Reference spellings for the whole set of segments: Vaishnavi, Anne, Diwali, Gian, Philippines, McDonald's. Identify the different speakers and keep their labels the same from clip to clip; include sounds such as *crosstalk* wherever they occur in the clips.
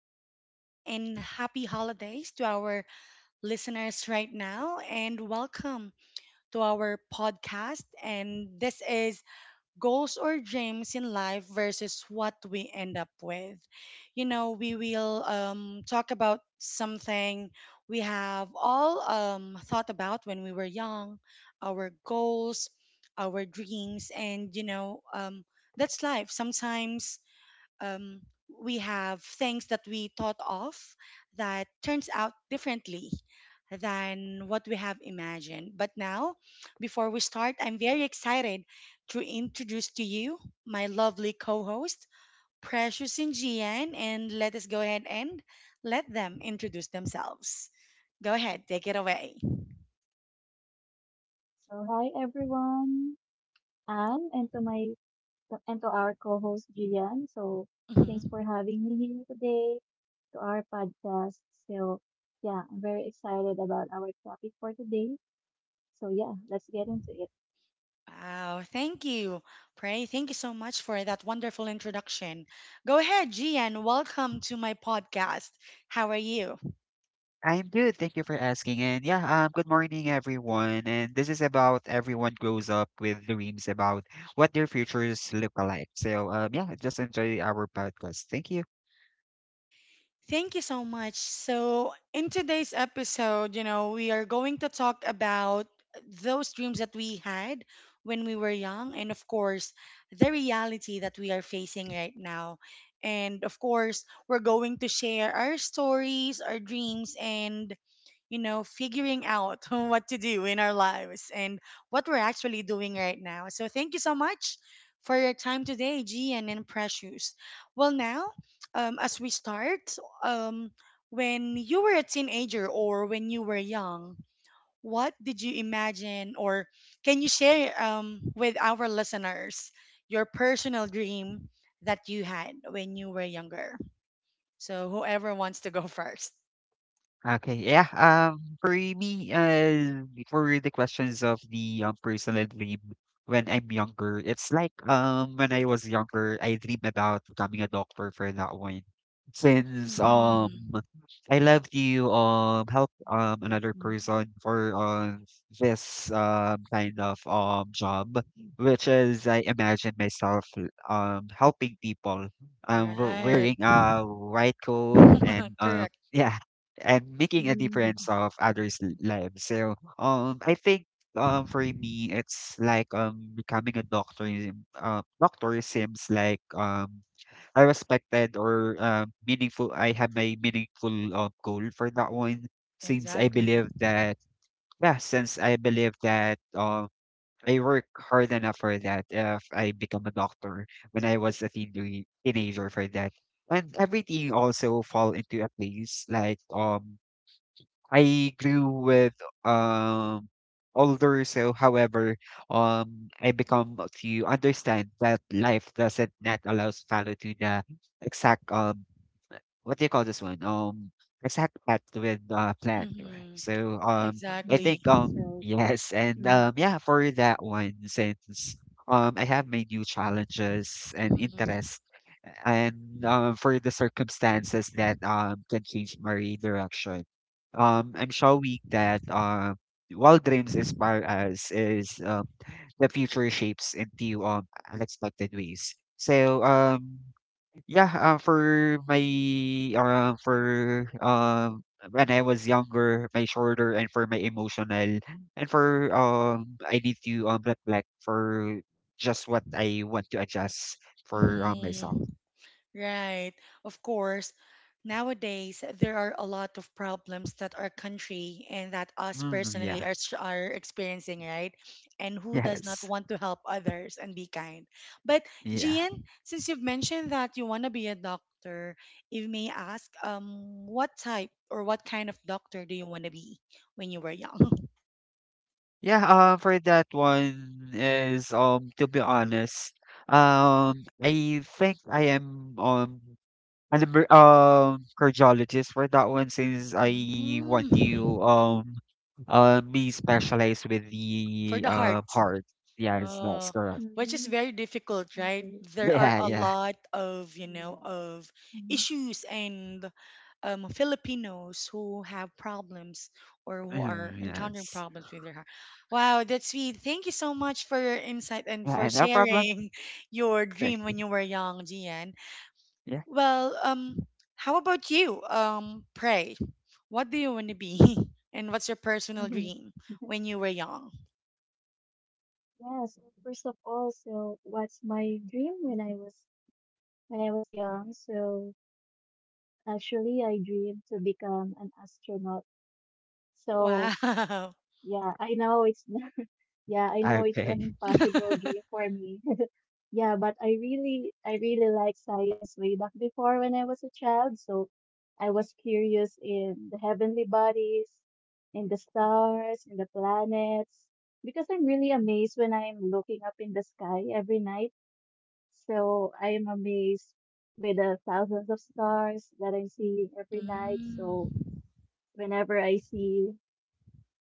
Speaker 1: day, everyone, and happy holidays to our listeners right now. And welcome to our podcast. And this is Goals or Dreams in Life versus What We End Up With. You know, we will talk about something we have all thought about when we were young our goals, our dreams, and that's life. Sometimes um, we have things that we thought of that turns out differently than what we have imagined. But now, before we start, I'm very excited to introduce to you my lovely co-host, Precious and Gian, and let us go ahead and let them introduce themselves. Go ahead, take it away.
Speaker 2: So hi everyone, Anne, and to my and to our co-host Gian. Thanks
Speaker 1: Mhm.
Speaker 2: for having me here today to our podcast. So yeah, I'm very excited about our topic for today. So, let's get into it.
Speaker 1: Wow, thank you, Pray. Thank you so much for that wonderful introduction. Go ahead, Gian. Welcome to my podcast. How are you?
Speaker 3: I'm good. Thank you for asking. And yeah, good morning, everyone. And this is about everyone grows up with dreams about what their futures look like. So, yeah, just enjoy our podcast. Thank you.
Speaker 1: Thank you so much. So, in today's episode, you know, we are going to talk about those dreams that we had when we were young, and of course, the reality that we are facing right now. And of course, we're going to share our stories, our dreams, and you know, figuring out *laughs* what to do in our lives and what we're actually doing right now. So thank you so much for your time today, Gian and Precious. Well, now, as we start, um, when you were a teenager or when you were young, what did you imagine or can you share with our listeners your personal dream that you had when you were younger? So whoever wants to go *laughs* 1st.
Speaker 3: Okay, yeah. For me, for the questions of the personal dream when I'm younger, it's like when I was younger, I dream about becoming a doctor for that one. Since
Speaker 1: Hmm.
Speaker 3: I love to help
Speaker 2: *laughs* That's
Speaker 3: another
Speaker 2: nice.
Speaker 3: person for this kind of job, which is I imagine myself helping people um wear-
Speaker 1: Right.
Speaker 3: wearing a white coat
Speaker 1: *laughs*
Speaker 3: and
Speaker 1: Correct.
Speaker 3: *laughs* yeah and making a
Speaker 2: Mm-hmm.
Speaker 3: difference of others' lives. So I think for me it's like becoming a doctor doctor seems like I respected or meaningful I have my meaningful goal for that one since I
Speaker 1: Exactly.
Speaker 3: believe that yeah since I believe that I work hard enough for that if I become a doctor when I was a teenager for that and everything also fall into a place like I grew with um older, so however, I become to understand that life doesn't not allows follow to the exact what do you call this one? Exact path with plan, right?
Speaker 1: Mm-hmm.
Speaker 3: So I
Speaker 1: Exactly.
Speaker 3: think
Speaker 2: That's right.
Speaker 3: *laughs* yes and yeah for that one since I have my new challenges and
Speaker 1: Mm-hmm.
Speaker 3: interests and for the circumstances that can change my direction I'm showing that while dreams inspire us, is the future shapes into unexpected ways. So yeah, for my for when I was younger, my shoulder and for my emotional and for I need to reflect for just what I want to adjust for
Speaker 1: Mm-hmm.
Speaker 3: myself.
Speaker 1: Right. Of course, nowadays there are a lot of problems that our country and that us
Speaker 3: Mm,
Speaker 1: personally
Speaker 3: yeah.
Speaker 1: are,
Speaker 3: *laughs*
Speaker 1: are experiencing, right? And who does not
Speaker 3: Yes.
Speaker 1: want to help others and be kind? But
Speaker 3: Yeah.
Speaker 1: Gian, since you've mentioned that you want to be a doctor, if may ask, what type or what kind of doctor do you want to be when you were young? *laughs*
Speaker 3: Yeah, for that one is to be honest, I think I am an cardiologist for that one since I want
Speaker 1: Mm.
Speaker 3: to be specialized with
Speaker 1: For
Speaker 3: the
Speaker 1: the heart.
Speaker 3: heart. Yes, that's
Speaker 1: Oh,
Speaker 3: correct.
Speaker 1: which
Speaker 3: *laughs*
Speaker 2: Mm-hmm.
Speaker 1: is very difficult, right?
Speaker 2: Okay.
Speaker 1: There are
Speaker 3: Yeah,
Speaker 1: a
Speaker 3: yeah.
Speaker 1: lot of, you know,
Speaker 2: Yes.
Speaker 1: of issues and Filipinos who have problems or who are
Speaker 3: Mhm,
Speaker 1: encountering
Speaker 3: yes.
Speaker 1: problems with their heart. Wow, that's sweet. Thank you so much for your insight and for
Speaker 3: Yeah, no problem.
Speaker 1: sharing *laughs* your
Speaker 3: Thank
Speaker 1: dream
Speaker 3: you.
Speaker 1: when you were young, Gian.
Speaker 3: Yeah.
Speaker 1: Well, how about you? Pray. What do you want to be? *laughs* And what's your personal
Speaker 2: Mhm.
Speaker 1: dream
Speaker 2: *laughs*
Speaker 1: when you were young?
Speaker 2: Yes, first of all, what's my dream when I was young? Actually, I dream to become an astronaut. So
Speaker 1: Wow.
Speaker 2: yeah, I know it's *laughs* yeah, I know it's
Speaker 3: Okay.
Speaker 2: an impossible dream
Speaker 1: *laughs*
Speaker 2: for me. *laughs* Yeah, but I really like science way back before when I was a child. So I was curious in the heavenly bodies, in the stars, in the planets because I'm really amazed when I'm looking up in the sky every night. So I am amazed with the thousands of stars that I'm seeing every night.
Speaker 1: Mm.
Speaker 2: So whenever I see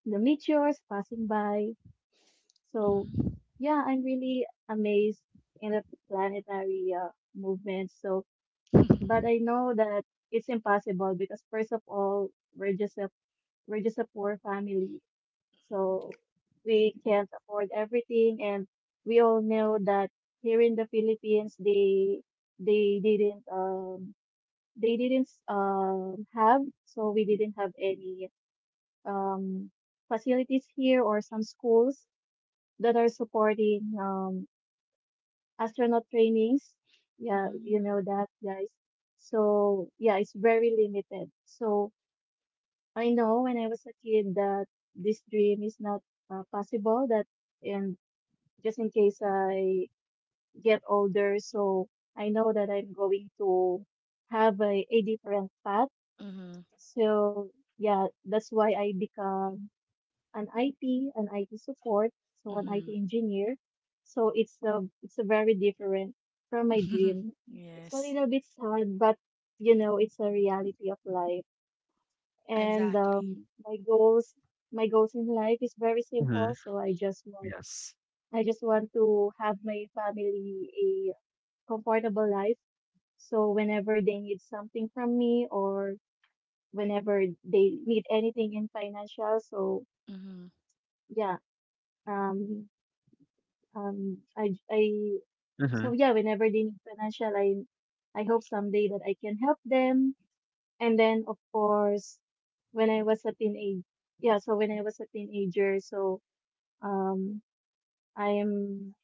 Speaker 2: the meteors passing by. So
Speaker 1: Mhm.
Speaker 2: yeah, I'm really amazed in the planetary movement. So but I
Speaker 1: *laughs*
Speaker 2: know that it's impossible because first of all, we're just a we're just a poor family, so we can't afford everything, and we all know that here in the Philippines, they didn't they didn't have so we didn't have any um, facilities here or some schools that are supporting astronaut trainings. Yeah, you
Speaker 1: Mm.
Speaker 2: know that, guys. So yeah, it's very limited. So I know when I was a kid that this dream is not possible, that, and just in case I get older, so I know that I'm going to have a different path.
Speaker 1: Mhm.
Speaker 2: So yeah, that's why I become an IT support, so an
Speaker 1: Mhm.
Speaker 2: IT engineer. So it's a very different from my
Speaker 1: *laughs*
Speaker 2: dream. It's a
Speaker 1: Yes,
Speaker 2: little bit sad, but you know it's a reality of life. And
Speaker 1: exactly.
Speaker 2: my goals in life is very simple.
Speaker 3: Hmm.
Speaker 2: So
Speaker 3: Yes.
Speaker 2: I just want to have my family a comfortable life. So whenever they need something from me or whenever they need anything in financial, so
Speaker 1: Mhm.
Speaker 2: yeah, um, Um, I, I,
Speaker 3: Hmm.
Speaker 2: whenever they need financial, I hope someday that I can help them. And then, of course, when I was a teenage, when I was a teenager, so um, I'm,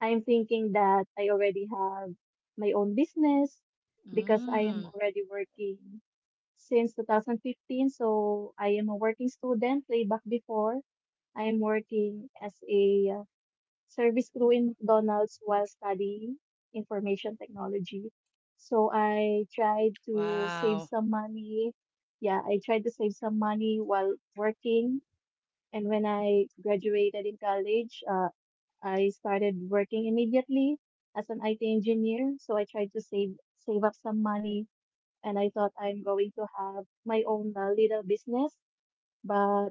Speaker 2: I'm thinking that I already have my own business because I am
Speaker 1: Mm.
Speaker 2: already working since 2015. So I am a working student way back before. I am working as a service crew in McDonald's while studying information technology. So I tried to save
Speaker 1: Wow.
Speaker 2: some money. Yeah, I tried to save some money while working. And when I graduated in college, I started working immediately as an IT engineer. So I tried to save up some money, and I thought I'm going to have my own little business. But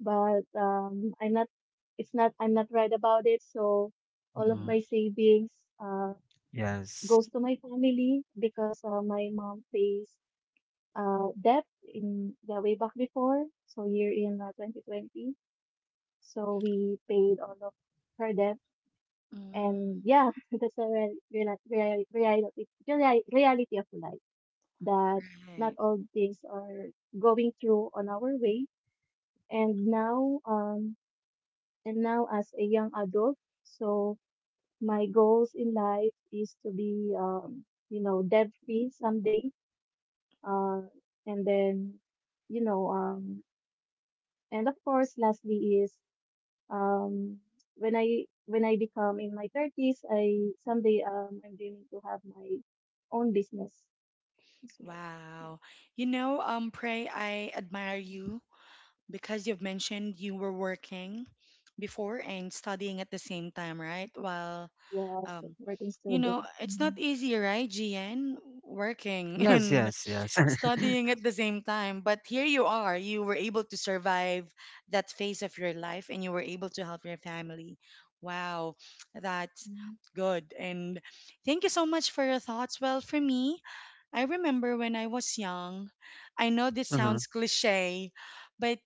Speaker 2: but I'm not. It's not. I'm not right about it. So all of
Speaker 3: Hmm.
Speaker 2: my
Speaker 1: Mhm.
Speaker 2: savings uh,
Speaker 3: Yes.
Speaker 2: goes to my family because my mom faced debt in the way back before. So year in 2020. So we paid all of her debt,
Speaker 1: Mm.
Speaker 2: and yeah, *laughs* that's a real, real, real, reality reali- reality of life, that not
Speaker 1: Right.
Speaker 2: all things are going through on our way. And now, as a young adult. So my goals in life is to be, you know, debt free someday. Uh, and then, you know, and of course, lastly is, um, when I become in my thirties, I someday I'm dreaming to have my own business as well.
Speaker 1: Wow. You
Speaker 2: So,
Speaker 1: know, Pray, I admire you because you've mentioned you were working before and studying at the same time, right? While
Speaker 2: was
Speaker 1: um,
Speaker 2: working student.
Speaker 1: it's not
Speaker 2: Mhm.
Speaker 1: easy, right, GN? Working *laughs*
Speaker 3: Yes,
Speaker 1: and
Speaker 3: yes, yes.
Speaker 1: studying
Speaker 3: *laughs*
Speaker 1: at the same time. But here you are. You were able to survive that phase of your life and you were able to help your family. Wow, that's
Speaker 2: Mm.
Speaker 1: good. And thank you so much for your thoughts. Well, for me, I remember when I was young. I know this
Speaker 3: Hmm.
Speaker 1: sounds cliche, but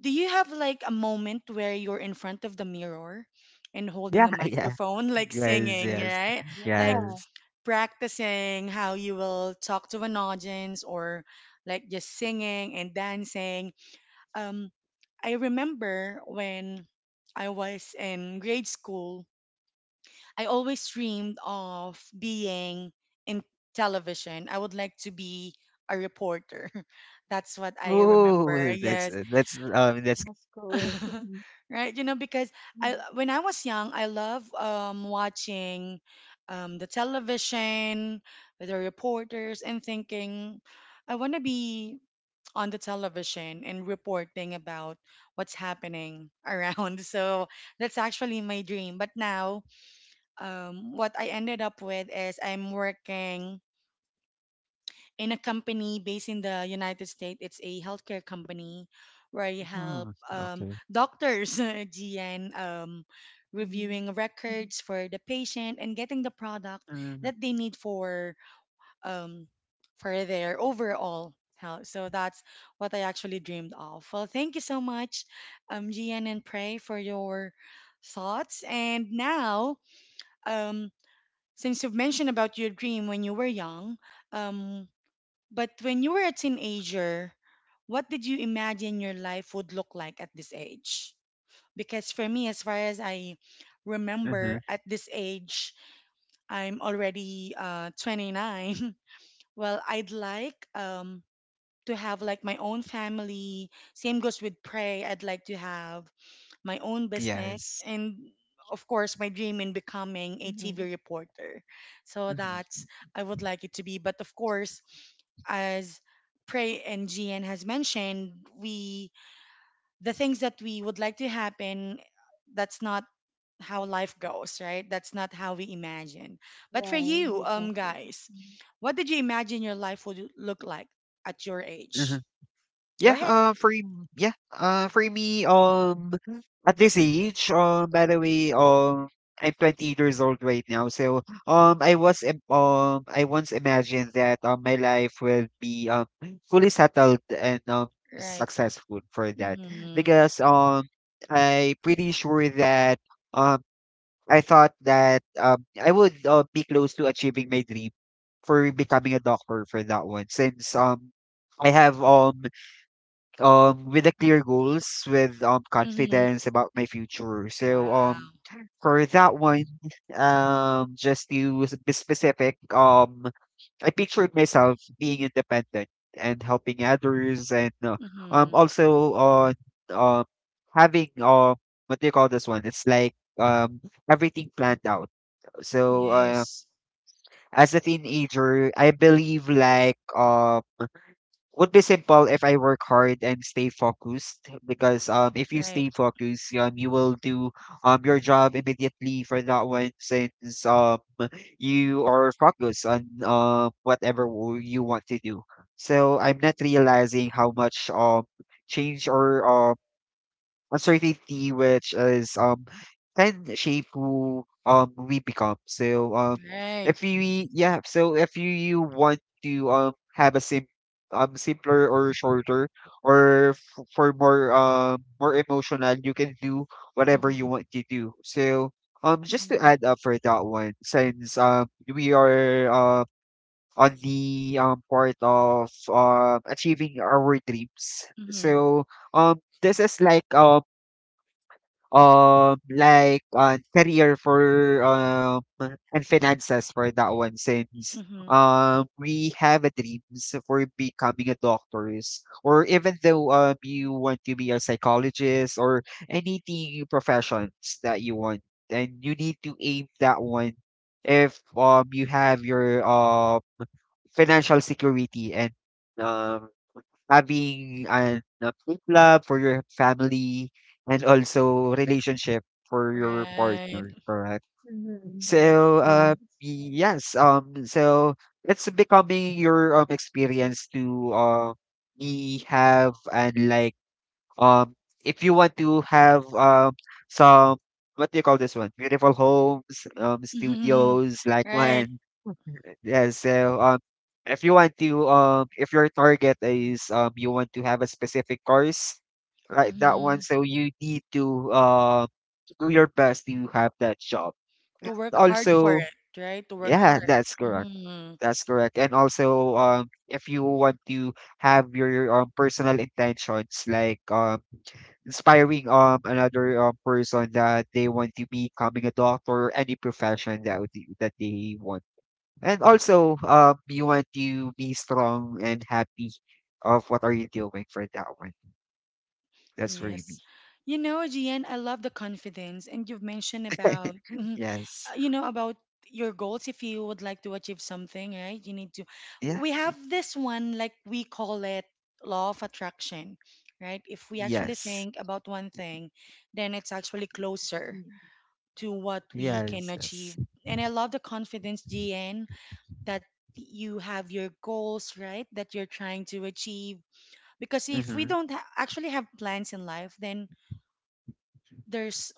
Speaker 1: do you have like a moment where you're in front of the mirror and
Speaker 3: Yeah,
Speaker 1: holding a
Speaker 3: *laughs* yeah.
Speaker 1: microphone, *laughs* like
Speaker 3: Yes,
Speaker 1: singing,
Speaker 3: yes,
Speaker 1: right? Like,
Speaker 2: Yeah,
Speaker 3: yes.
Speaker 1: practicing how you will talk to an audience or like just singing and dancing. Um, I remember when I was in grade school, I always dreamed of being in television. I would like to be a reporter. *laughs* That's what I remember.
Speaker 3: Oh,
Speaker 1: Yes.
Speaker 2: that's cool.
Speaker 1: *laughs*
Speaker 2: *laughs*
Speaker 1: Right, you know, because
Speaker 2: Mhm.
Speaker 1: I when I was young, I love watching the television with the reporters and thinking I want to be on the television and reporting about what's happening around. *laughs* So that's actually my dream. But now what I ended up with is I'm working in a company based in the United States. It's a healthcare company where you help
Speaker 3: mm, okay.
Speaker 1: doctors, *laughs* GN,
Speaker 2: Mhm.
Speaker 1: reviewing records for the patient and getting the product
Speaker 3: Mm-hmm.
Speaker 1: that they need um, for their overall health. So that's what I actually dreamed of. Well, thank you so much, GN and Prey, for your thoughts. And now, um, since you've mentioned about your dream when you were young, um, but when you were a teenager, what did you imagine your life would look like at this age? Because for me, as far as I
Speaker 3: Mm-hmm.
Speaker 1: remember, at this age, I'm already 29. *laughs* Well, I'd like to have like my own family. Same goes with Prey. I'd like to have my own business,
Speaker 3: Yes.
Speaker 1: and of course, my dream in becoming a TV
Speaker 2: Mhm.
Speaker 1: reporter. So
Speaker 3: Mm-hmm.
Speaker 1: that's I would like it to be. But of course, as Prey and GN has mentioned, we the things that we would like to happen, that's not how life goes, right? That's not how we imagine. But for
Speaker 2: Yeah,
Speaker 1: you,
Speaker 2: exactly.
Speaker 1: guys, what did you imagine your life would look like at your age?
Speaker 3: Mm-hmm.
Speaker 1: Go
Speaker 3: Yeah,
Speaker 1: ahead.
Speaker 3: for me, at this age, I'm 20 years old right now, so I once imagined that my life will be fully settled and
Speaker 1: Right.
Speaker 3: successful for that
Speaker 1: Mm-hmm.
Speaker 3: because I'm pretty sure that um, I thought that I would be close to achieving my dream for becoming a doctor for that one since I have with the clear goals with
Speaker 1: Mm-hmm.
Speaker 3: confidence about my future so
Speaker 1: Wow.
Speaker 3: for that one just to be specific I pictured myself being independent and helping others and
Speaker 1: Mm-hmm.
Speaker 3: also on um having what do you call this one? It's like everything planned out so
Speaker 1: Yes.
Speaker 3: as a teenager I believe like would be simple if I work hard and stay focused because if you
Speaker 1: Right.
Speaker 3: stay focused you will do your job immediately for that one since you are focused on whatever you want to do. So I'm not realizing how much change or uncertainty which is can shape who we become. So
Speaker 1: Right.
Speaker 3: if you if you want to have a simpler or shorter or for more more emotional you can do whatever you
Speaker 1: Mm-hmm.
Speaker 3: want to do. So just to
Speaker 1: Mm-hmm.
Speaker 3: add up for that one since we are on the part of achieving our dreams.
Speaker 1: Mm-hmm.
Speaker 3: So this is like career for and finances for that one since
Speaker 1: Mm-hmm.
Speaker 3: we have a dreams for becoming a doctors or even though you want to be a psychologist or anything professions that you want and you need to aim that one if you have your financial security and um having an a food lab for your family and also relationship for your
Speaker 1: Right.
Speaker 3: partner, correct?
Speaker 2: Mm-hmm.
Speaker 1: Right.
Speaker 3: So,
Speaker 2: Yeah. That's right.
Speaker 3: yes, so it's becoming your experience to be have and like um if you want to have some what do you call this one? Beautiful homes,
Speaker 1: Mm-hmm.
Speaker 3: studios, like
Speaker 1: Right.
Speaker 3: one. Yeah, so if you want to if your target is you want to have a specific course like that one,
Speaker 1: Mm-hmm.
Speaker 3: so you need to do your best to have that job.
Speaker 1: To work hard for
Speaker 3: Also,
Speaker 1: it, right? To work
Speaker 3: yeah,
Speaker 1: hard.
Speaker 3: that's correct.
Speaker 1: Mm-hmm.
Speaker 3: That's correct. And also, if you want to have your personal intentions, like inspiring another person that they want to be becoming a doctor, any profession that would, that they want. And also, you want to be strong and happy of what are you doing for that one. That's for me.
Speaker 1: Yes. You know,
Speaker 2: That's
Speaker 1: Gian,
Speaker 2: right.
Speaker 1: I love the confidence and you've mentioned
Speaker 3: *laughs* Yes.
Speaker 1: about your goals if you would like to achieve something, right? You need to
Speaker 3: Yeah.
Speaker 1: we have this one like we call it law of attraction, right? If we actually
Speaker 3: Yes.
Speaker 1: think about one thing, then it's actually closer
Speaker 2: Mm.
Speaker 1: to what we can
Speaker 3: Yes.
Speaker 1: achieve.
Speaker 3: Yes.
Speaker 1: And I love the confidence, Gian, that you have your goals, right? That you're trying to achieve because if we
Speaker 3: Mm-hmm.
Speaker 1: don't actually have plans in life then there's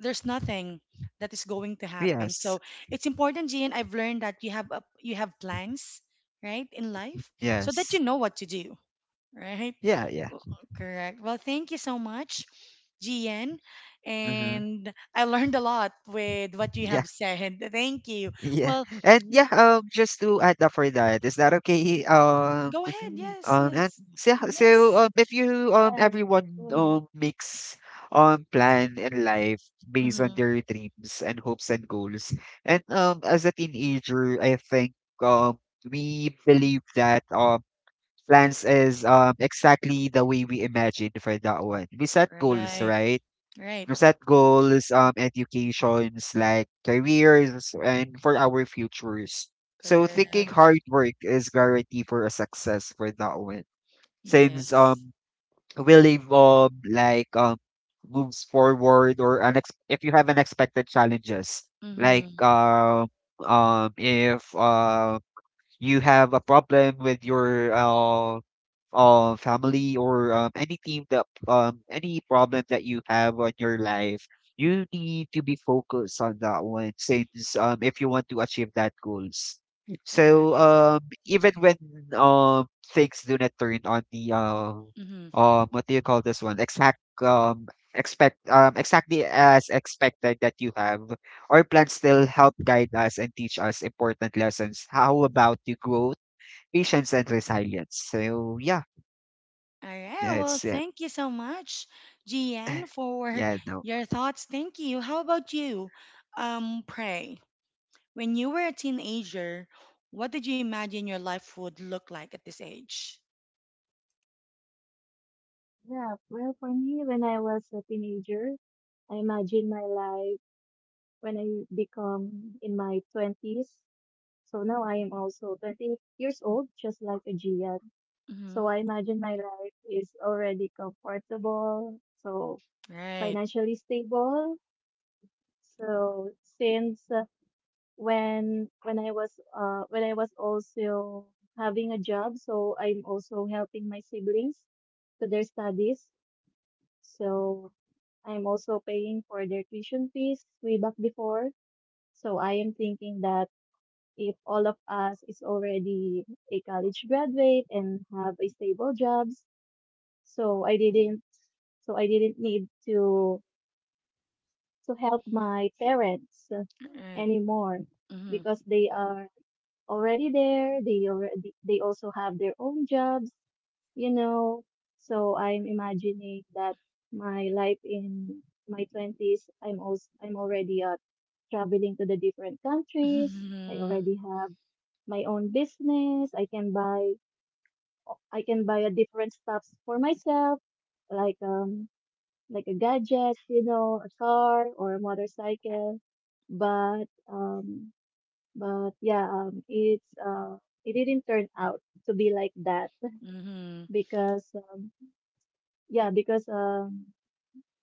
Speaker 1: there's nothing that is going to happen. So
Speaker 3: Yes.
Speaker 1: it's important, Gian. I've learned that you have plans, right, in life, so that
Speaker 3: Yes.
Speaker 1: you know what to do, *laughs* right?
Speaker 3: Yeah, yeah.
Speaker 1: W- Correct. Well, thank you so much, Gian,
Speaker 3: Mm-hmm.
Speaker 1: and I learned a lot with what you
Speaker 3: Yeah,
Speaker 1: have said. Thank you.
Speaker 3: *laughs* yeah.
Speaker 1: Well,
Speaker 3: And yeah, just to add up for that, is that okay?
Speaker 1: go ahead. Yes,
Speaker 3: And
Speaker 1: yes,
Speaker 3: so, so
Speaker 1: yes.
Speaker 3: um if you
Speaker 2: Yeah.
Speaker 3: everyone
Speaker 2: Go ahead.
Speaker 3: makes plan in life based on
Speaker 1: Mm-hmm.
Speaker 3: their dreams and hopes and goals. And as a teenager, I think um we believe that plans is exactly the way we imagined for that one. We set goals,
Speaker 1: Right,
Speaker 3: right?
Speaker 1: right,
Speaker 3: We set goals, educations like careers and for our futures. So thinking
Speaker 1: correct.
Speaker 3: hard work is guarantee for a success for that one. Since
Speaker 1: Yes.
Speaker 3: we live like moves forward or if you have unexpected challenges like
Speaker 1: Mm-hmm.
Speaker 3: if you have a problem with your family or any team that any problem that you have on your life, you need to be focused on that one since if you want to achieve that goals. So
Speaker 1: Right.
Speaker 3: even when um, things do not turn on the
Speaker 1: Mm-hmm.
Speaker 3: what do you call this one? Exactly as expected that you have. Our plans still help guide us and teach us important lessons. How about the growth, patience, and resilience? So yeah.
Speaker 1: All right. Well,
Speaker 3: That's it.
Speaker 1: thank you so much, GN,
Speaker 3: *laughs*
Speaker 1: for
Speaker 3: Yeah, no.
Speaker 1: your thoughts. Thank you. How about you, Pray? When you were a teenager, what did you imagine your life would look like at this age?
Speaker 2: Yeah, well, for me, when I was a teenager, I imagine my life when I become in my 20s. So now I am also 20 years old, just like a Gian. So
Speaker 1: Mm-hmm.
Speaker 2: I imagine my life is already comfortable, so
Speaker 1: Right.
Speaker 2: financially stable. So since when I was also having a job, so I'm also helping my siblings to their studies. So I'm also paying for their tuition fees way back before. So I am thinking that if all of us is already a college graduate and have a stable jobs, so I didn't so I didn't need to to help my parents
Speaker 1: Right.
Speaker 2: anymore
Speaker 1: Mm-hmm.
Speaker 2: because they are already there. They also have their own jobs, you know. So I'm imagining that my life in my 20s, I'm already traveling to the different countries. I
Speaker 1: Mm-hmm.
Speaker 2: already have my own business. I can buy a different stuffs for myself, like um like a gadget, you know, a car or a motorcycle. But but yeah, um, it's uh, it didn't turn out to be like that
Speaker 1: Mm-hmm.
Speaker 2: because yeah, because um,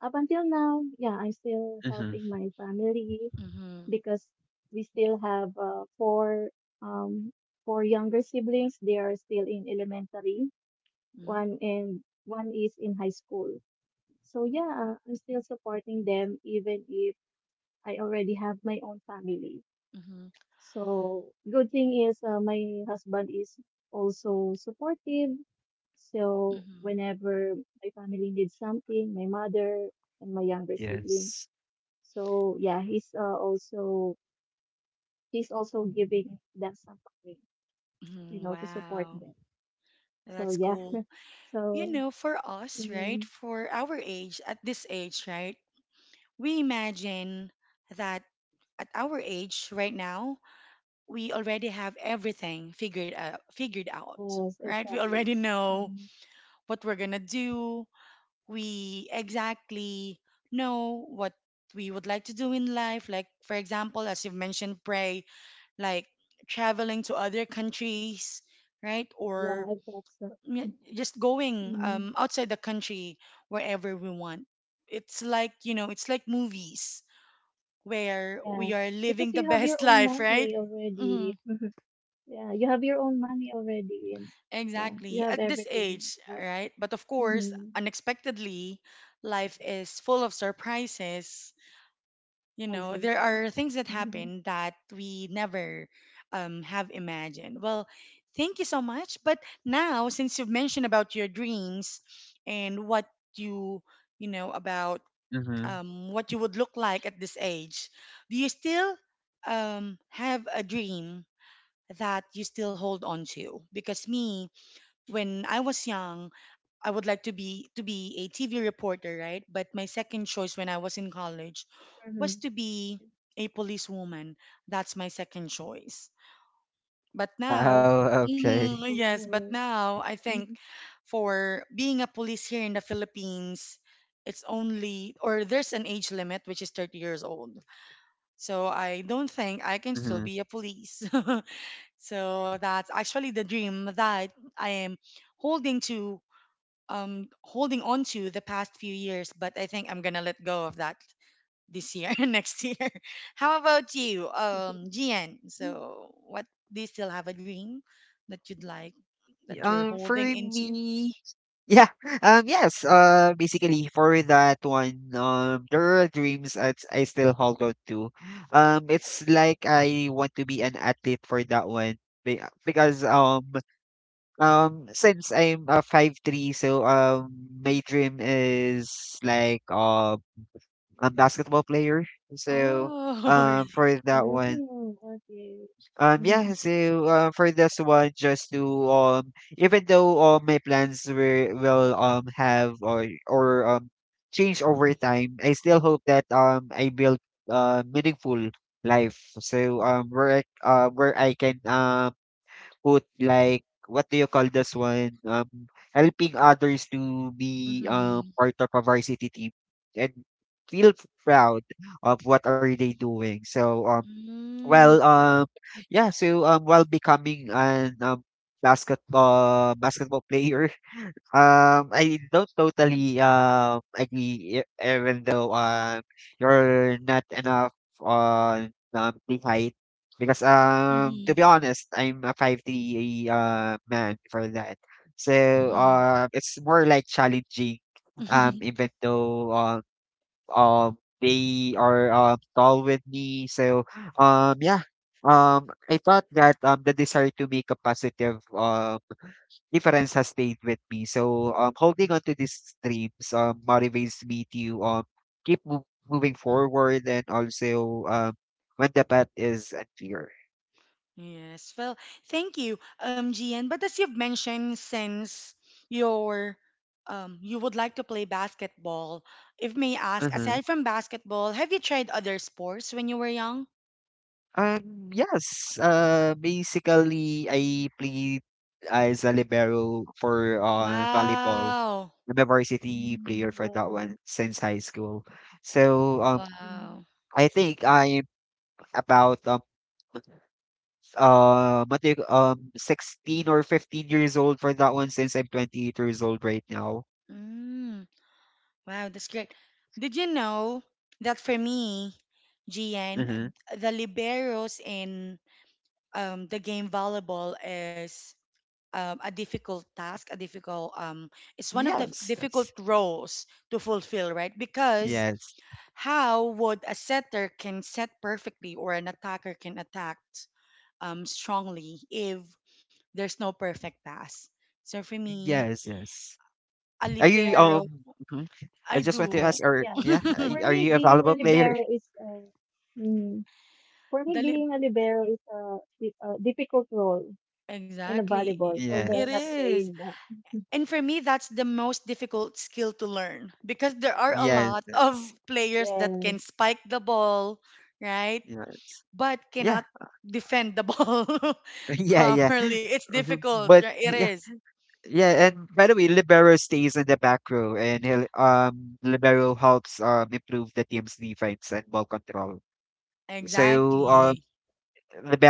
Speaker 2: up until now, yeah, I'm still
Speaker 3: Mhm.
Speaker 2: helping my family
Speaker 1: Mm-hmm.
Speaker 2: because we still have um four younger siblings. They are still in elementary.
Speaker 1: Mm-hmm.
Speaker 2: One and one is in high school. So yeah, I'm still supporting them even if I already have my own family.
Speaker 1: Mm-hmm.
Speaker 2: So good thing is my husband is also supportive. So whenever my family needs something, my mother and my younger siblings.
Speaker 3: Yes.
Speaker 2: So yeah, he's also giving them something, you
Speaker 1: Mm-hmm.
Speaker 2: know, to support
Speaker 1: Wow.
Speaker 2: them. So
Speaker 1: That's
Speaker 2: yeah,
Speaker 1: cool.
Speaker 2: *laughs*
Speaker 1: You
Speaker 2: so
Speaker 1: know, for us, right?
Speaker 2: mm,
Speaker 1: For our age, at this age, right? We imagine that at our age right now, we already have everything figured out,
Speaker 2: yes,
Speaker 1: right? We
Speaker 2: exactly.
Speaker 1: already know
Speaker 2: Mhm.
Speaker 1: what we're going to do. We exactly know what we would like to do in life. Like, for example, as you've mentioned, Pray, like traveling to other countries, right?
Speaker 2: Yeah,
Speaker 1: Or
Speaker 2: I thought so.
Speaker 1: y- just going
Speaker 2: Mm,
Speaker 1: outside the country wherever we want. It's like, you know, it's like movies where
Speaker 2: yeah,
Speaker 1: we are
Speaker 2: because
Speaker 1: living the
Speaker 2: you have your
Speaker 1: best *laughs*
Speaker 2: own
Speaker 1: life, right?
Speaker 2: money
Speaker 1: Hmm.
Speaker 2: already. *laughs* Yeah, you have your own money already, and yeah, you
Speaker 1: Exactly.
Speaker 2: have
Speaker 1: At this
Speaker 2: everything.
Speaker 1: age,
Speaker 2: But
Speaker 1: right? But of course,
Speaker 2: mm-hmm,
Speaker 1: unexpectedly, life is full of surprises. You know, there
Speaker 2: exactly.
Speaker 1: are things that
Speaker 2: Mm-hmm.
Speaker 1: happen that we never have imagined. Well, thank you so much. But now, since you've mentioned about your dreams and what you, about
Speaker 3: Mhm.
Speaker 1: what you would look like at this age, do you still have a dream that you still hold on to because me when I was young I would like to be a TV reporter, right? But my second choice when I was in college
Speaker 2: Hmm.
Speaker 1: was to be a policewoman. That's my second choice. But now
Speaker 3: Oh,
Speaker 1: *laughs*
Speaker 2: That's
Speaker 1: mhm,
Speaker 3: okay.
Speaker 1: yes, but
Speaker 2: cool.
Speaker 1: now I think
Speaker 2: Mhm.
Speaker 1: for being a police here in the Philippines, it's only or there's an age limit which is 30 years old, so I don't think I can still
Speaker 3: Mhm.
Speaker 1: be a police. *laughs* So that's actually the dream that I am holding to, holding on to the past few years. But I think I'm gonna let go of that this year, *laughs* next year. How about you,
Speaker 2: *laughs*
Speaker 1: Gian? So, what do you still have a dream that you'd like that you're
Speaker 3: For
Speaker 1: holding into?
Speaker 3: me, yeah, yes, basically for that one, there are dreams that I still hold on to. It's like I want to be an athlete for that one because since I'm a 5'3", so my dream is like basketball player. So
Speaker 1: Oh, *laughs* really?
Speaker 3: for that one,
Speaker 2: Mm, okay.
Speaker 3: yeah.
Speaker 2: Mm-hmm.
Speaker 3: So for this one, just to even though all my plans were, will have or change over time, I still hope that I build meaningful life. So where I can put like what do you call this one helping others to be
Speaker 1: Mm-hmm.
Speaker 3: part of a varsity team and feel proud of what are they doing. So well
Speaker 1: Mm-hmm.
Speaker 3: yeah so while becoming an basketball player *laughs* I don't totally agree even though you're not enough on the height because to be honest I'm a 5'3" man for that so
Speaker 1: Mm-hmm.
Speaker 3: it's more like challenging
Speaker 1: *laughs*
Speaker 3: even though uh they are tall with me so yeah I thought that the desire to make a positive difference has stayed with me so holding on to these dreams motivates me to keep moving forward and also when the path is unclear.
Speaker 1: Yes. Well, thank you, G N. But as you've mentioned, since your you would like to play basketball, if may ask,
Speaker 3: Uh-huh.
Speaker 1: aside from basketball, have you tried other sports when you were young?
Speaker 3: Yes basically I played as a libero for volleyball.
Speaker 1: Wow.
Speaker 3: I'm a varsity player for that
Speaker 2: Wow.
Speaker 3: one since high school. So
Speaker 2: Hmm.
Speaker 1: Wow.
Speaker 3: I think I'm about what do you, 16 or 15 years old for that one since I'm 28 years old right now.
Speaker 1: Mm, wow, that's great. Did you know that for me, G N,
Speaker 3: Mm-hmm.
Speaker 1: the liberos in the game volleyball is a difficult task, a difficult it's one of the
Speaker 3: Yes,
Speaker 1: difficult
Speaker 3: yes,
Speaker 1: roles to fulfill, right? Because
Speaker 3: yes,
Speaker 1: how would a setter can set perfectly or an attacker can attack strongly if there's no perfect pass? So for me,
Speaker 3: yes, yes.
Speaker 1: a
Speaker 3: Are you,
Speaker 1: libero,
Speaker 3: mhm. I
Speaker 1: I
Speaker 3: just want to
Speaker 1: do
Speaker 3: ask, are,
Speaker 1: *laughs*
Speaker 2: Yeah.
Speaker 3: yeah, are
Speaker 2: For
Speaker 1: the
Speaker 3: are
Speaker 2: me,
Speaker 3: you a
Speaker 2: being a
Speaker 3: valuable player?
Speaker 2: libero
Speaker 3: *laughs*
Speaker 2: is mm, for me
Speaker 1: lib-
Speaker 2: being a libero is a, a difficult role in a
Speaker 1: exactly.
Speaker 2: volleyball.
Speaker 1: It
Speaker 2: Although I'm not
Speaker 3: Yes,
Speaker 1: is.
Speaker 2: playing that.
Speaker 1: And for me, that's the most difficult skill to learn because there are a
Speaker 3: yes,
Speaker 1: lot of
Speaker 3: yes,
Speaker 1: players that
Speaker 2: Yes,
Speaker 1: can spike the ball, right?
Speaker 3: yes.
Speaker 1: But
Speaker 3: Yeah,
Speaker 1: cannot defend the *laughs* ball
Speaker 3: *laughs* yeah, yeah.
Speaker 1: properly. It's
Speaker 3: Mhm.
Speaker 1: difficult,
Speaker 3: But
Speaker 1: right? It
Speaker 3: yeah.
Speaker 1: is.
Speaker 3: Yeah, and by the way, Libero stays in the back row, and he'll, Libero helps improve the team's defense and ball control. So,
Speaker 1: Exactly.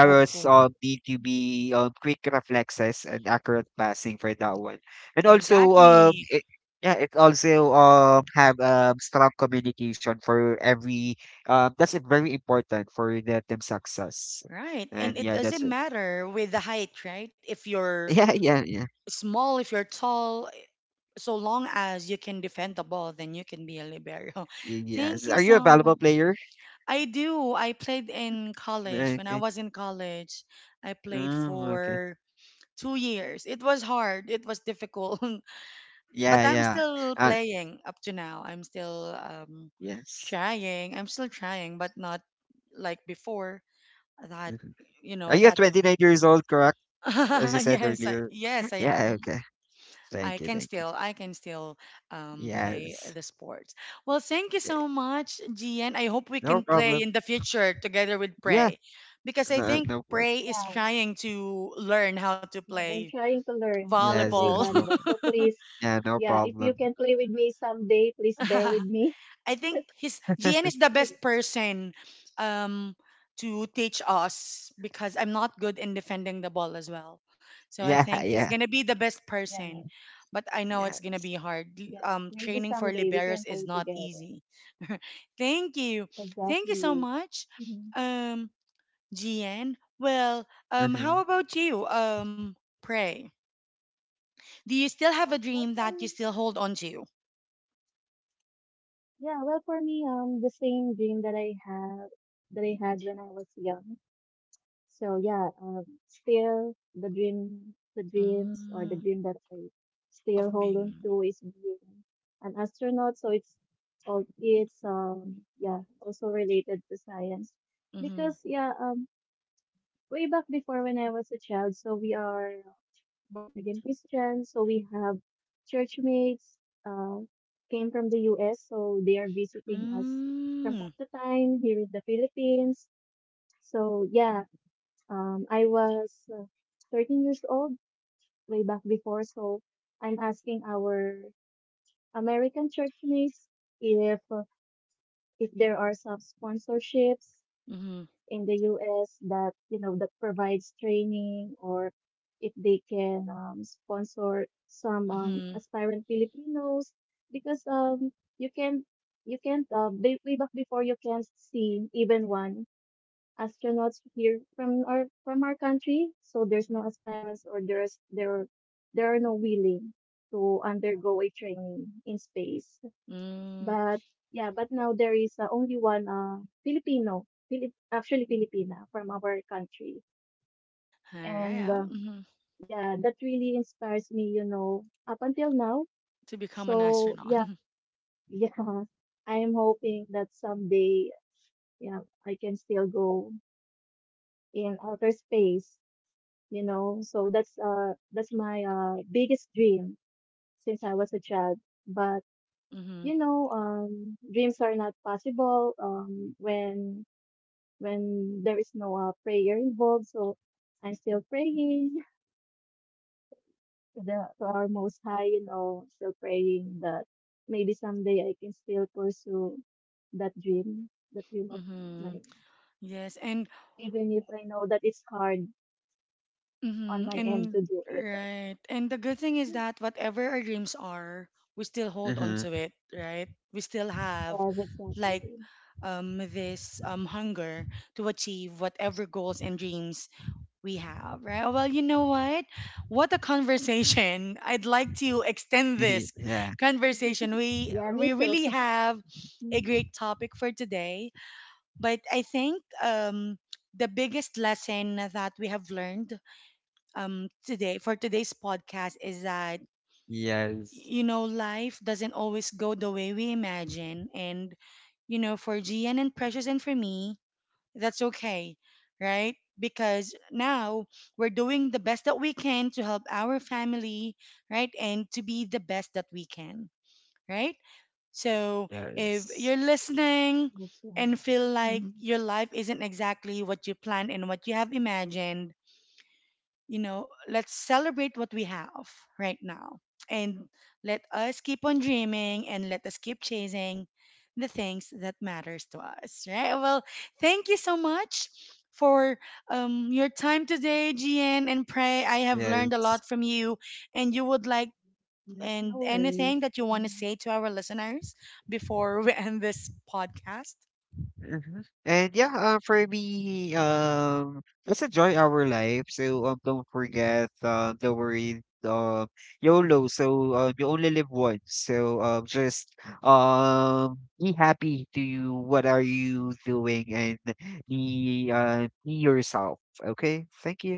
Speaker 2: that's right.
Speaker 3: need to be quick reflexes and accurate passing for that one. And also,
Speaker 1: Exactly.
Speaker 3: it, yeah, it also have strong communication for every. That's very important for the team success.
Speaker 1: Right. And
Speaker 3: And
Speaker 1: it
Speaker 3: yeah, that's
Speaker 1: doesn't
Speaker 3: it. *laughs*
Speaker 1: matter with the height, right? If you're
Speaker 3: Yeah, yeah, yeah.
Speaker 1: small, if you're tall, so long as you can defend the ball, then you can be a libero. *laughs* Thank
Speaker 3: Yes.
Speaker 1: you
Speaker 3: Are you a
Speaker 1: so much.
Speaker 3: valuable player?
Speaker 1: I do. I played in college. When I
Speaker 3: Okay.
Speaker 1: was in college, I played
Speaker 3: Oh, okay.
Speaker 1: for 2 years. It was hard. It was difficult. *laughs* But
Speaker 3: Yeah,
Speaker 1: I'm
Speaker 3: yeah.
Speaker 1: still
Speaker 3: Uh,
Speaker 1: playing up to now. I'm still
Speaker 3: yes.
Speaker 1: trying. I'm still trying, but not like before. That
Speaker 3: Mhm.
Speaker 1: you
Speaker 3: Are
Speaker 1: know
Speaker 3: you
Speaker 1: that.
Speaker 3: 29 years old, correct?
Speaker 1: *laughs*
Speaker 3: As you said
Speaker 1: yes, I,
Speaker 3: earlier.
Speaker 1: yes, I
Speaker 3: Yeah,
Speaker 1: am.
Speaker 3: okay.
Speaker 1: I
Speaker 3: Thank you,
Speaker 1: can
Speaker 3: thank you.
Speaker 1: still, I can still play
Speaker 3: Yes.
Speaker 1: the sports. Well, thank you
Speaker 3: Eh,
Speaker 1: so much, Gian. I hope we
Speaker 3: no
Speaker 1: can play
Speaker 3: problem.
Speaker 1: in the future together with
Speaker 3: Yeah,
Speaker 1: Prey, because I
Speaker 3: no,
Speaker 1: think
Speaker 3: no problem.
Speaker 1: Prey is trying to learn how to
Speaker 2: Yeah, I'm
Speaker 1: play
Speaker 2: trying to learn how to
Speaker 3: Yes,
Speaker 2: play
Speaker 1: volleyball.
Speaker 3: yes, no.
Speaker 2: volleyball. So please,
Speaker 3: Yeah, no
Speaker 2: yeah, if you
Speaker 3: problem.
Speaker 2: can play with me someday, please bear with me. *laughs*
Speaker 1: *laughs* I think his GN is the best
Speaker 2: Be-
Speaker 1: person um to teach us because I'm not good in defending the ball as well. So I
Speaker 3: Yeah,
Speaker 1: think
Speaker 3: *laughs*
Speaker 1: he's
Speaker 3: yeah,
Speaker 1: gonna be the best
Speaker 2: Yeah,
Speaker 1: person. But I know it's gonna
Speaker 3: yes.
Speaker 1: be hard.
Speaker 2: yeah, maybe
Speaker 1: Training for
Speaker 2: someday we
Speaker 1: liberos
Speaker 2: can
Speaker 1: is
Speaker 2: play
Speaker 1: not
Speaker 2: together.
Speaker 1: easy. *laughs* Thank you. Thank you so
Speaker 2: Exactly.
Speaker 1: much.
Speaker 2: Hmm.
Speaker 1: Um GN. Well,
Speaker 3: Mm-hmm.
Speaker 1: how about you? Pray. Do you still have a
Speaker 2: What
Speaker 1: dream that you
Speaker 2: for.
Speaker 1: still hold on to?
Speaker 2: Yeah, well, for me, the same dream that I have that I had when I was young. So yeah, still the dream, the dreams or the
Speaker 1: Mm,
Speaker 2: dream that I
Speaker 1: of
Speaker 2: still hold on
Speaker 1: being.
Speaker 2: to is being an astronaut. So it's all it's yeah also related to science because way back before when I was a child, so we are born again Christians, so we have church mates uh, came from the U.S. So they are visiting us from
Speaker 1: Mm.
Speaker 2: time to time here in the Philippines. So yeah, I was 13 years old way back before, so I'm asking our American church mates if uh, if there are some sponsorships
Speaker 1: Mhm.
Speaker 2: in the U.S. that you know that provides training, or if they can sponsor some
Speaker 1: Mhm.
Speaker 2: aspirant Filipinos, because you can you can't way back before you can't see even one astronauts here from our country. So there's no aspirants or there are no willing to undergo a training in space.
Speaker 1: Mm.
Speaker 2: But yeah, but now there is only one Filipino, Filip actually Filipina from our country, and
Speaker 1: Alright. Mhm.
Speaker 2: yeah, that really inspires me. You know, up until now.
Speaker 1: To become an
Speaker 2: So
Speaker 1: astronaut.
Speaker 2: yeah,
Speaker 1: *laughs*
Speaker 2: *laughs* yeah, I am hoping that someday, yeah, I can still go in outer space, you know. So that's my biggest dream since I was a child. But
Speaker 1: Mhm.
Speaker 2: you know, dreams are not possible when there is no prayer involved. So I'm still praying *laughs* to the to our most high, you know, still praying that maybe someday I can still pursue that dream that dream of
Speaker 1: Mhm.
Speaker 2: mine,
Speaker 1: Yes. And
Speaker 2: even if I know that it's hard on
Speaker 1: mhm.
Speaker 2: my
Speaker 1: And
Speaker 2: end to do it.
Speaker 1: right. And the good thing is
Speaker 2: *laughs*
Speaker 1: that whatever our dreams are, we still hold on
Speaker 3: Mm-hmm.
Speaker 1: to it, right? We still have
Speaker 2: Yes, exactly.
Speaker 1: like this hunger to achieve whatever goals and dreams we have, right? Oh, well, you know what? What a conversation. *laughs* I'd like to extend
Speaker 3: *laughs*
Speaker 1: this
Speaker 3: Yeah.
Speaker 1: conversation. We
Speaker 2: Yeah, me
Speaker 1: we
Speaker 2: too.
Speaker 1: really have a great
Speaker 2: *laughs*
Speaker 1: topic for today, but I think the biggest lesson that we have learned today for today's podcast is that
Speaker 3: Yes.
Speaker 1: you know life doesn't always go the way we imagine and you know for Gian and Precious and for me that's okay, right? Because now we're doing the best that we can to help our family, right? And to be the best that we can, right? So if
Speaker 3: Yes.
Speaker 1: you're listening
Speaker 2: Yes,
Speaker 1: and
Speaker 2: Lord.
Speaker 1: feel like
Speaker 2: Mhm.
Speaker 1: your life isn't exactly what you planned and what you have imagined, you know, let's celebrate what we have right now. And let us keep on dreaming and let us keep chasing the things that matters to us, right? Well, thank you so much for your time today, GN and Pray. I have learned a
Speaker 3: Yes.
Speaker 1: lot from you and you would like
Speaker 2: Yes, no
Speaker 1: and anything
Speaker 2: worries.
Speaker 1: that you want to
Speaker 2: Mhm.
Speaker 1: say to our listeners before *laughs* we end this podcast.
Speaker 3: Mhm. And yeah, for me, let's enjoy our life. So don't forget, don't worry, YOLO. So you only live once. So just be happy to you. What are you doing? And be yourself. Okay. Thank you.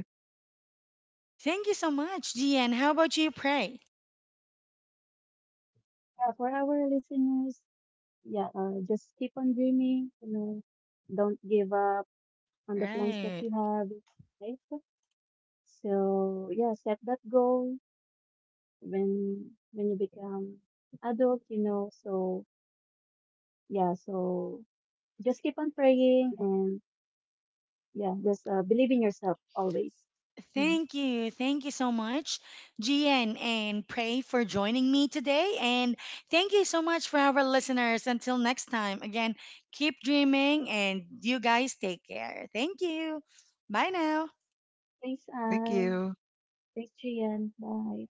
Speaker 1: Thank you so much, GN. How about you, Pray?
Speaker 2: Yeah, for our listeners, yeah, just keep on dreaming, you know, don't give up on the plans that
Speaker 1: Right.
Speaker 2: you have in life. So yeah, set that goal when when you become adult, you know. So yeah, so just keep on praying and yeah, just believe in yourself always. Mhm.
Speaker 1: Thank you. Thank you so much, Gian and Pray, for joining me today. And thank you so much for our listeners. Until next time, again, keep dreaming and you guys take care. Thank you. Bye now.
Speaker 2: Thanks,
Speaker 3: Thank
Speaker 2: Anne.
Speaker 3: you.
Speaker 2: Thanks, Gian. Bye.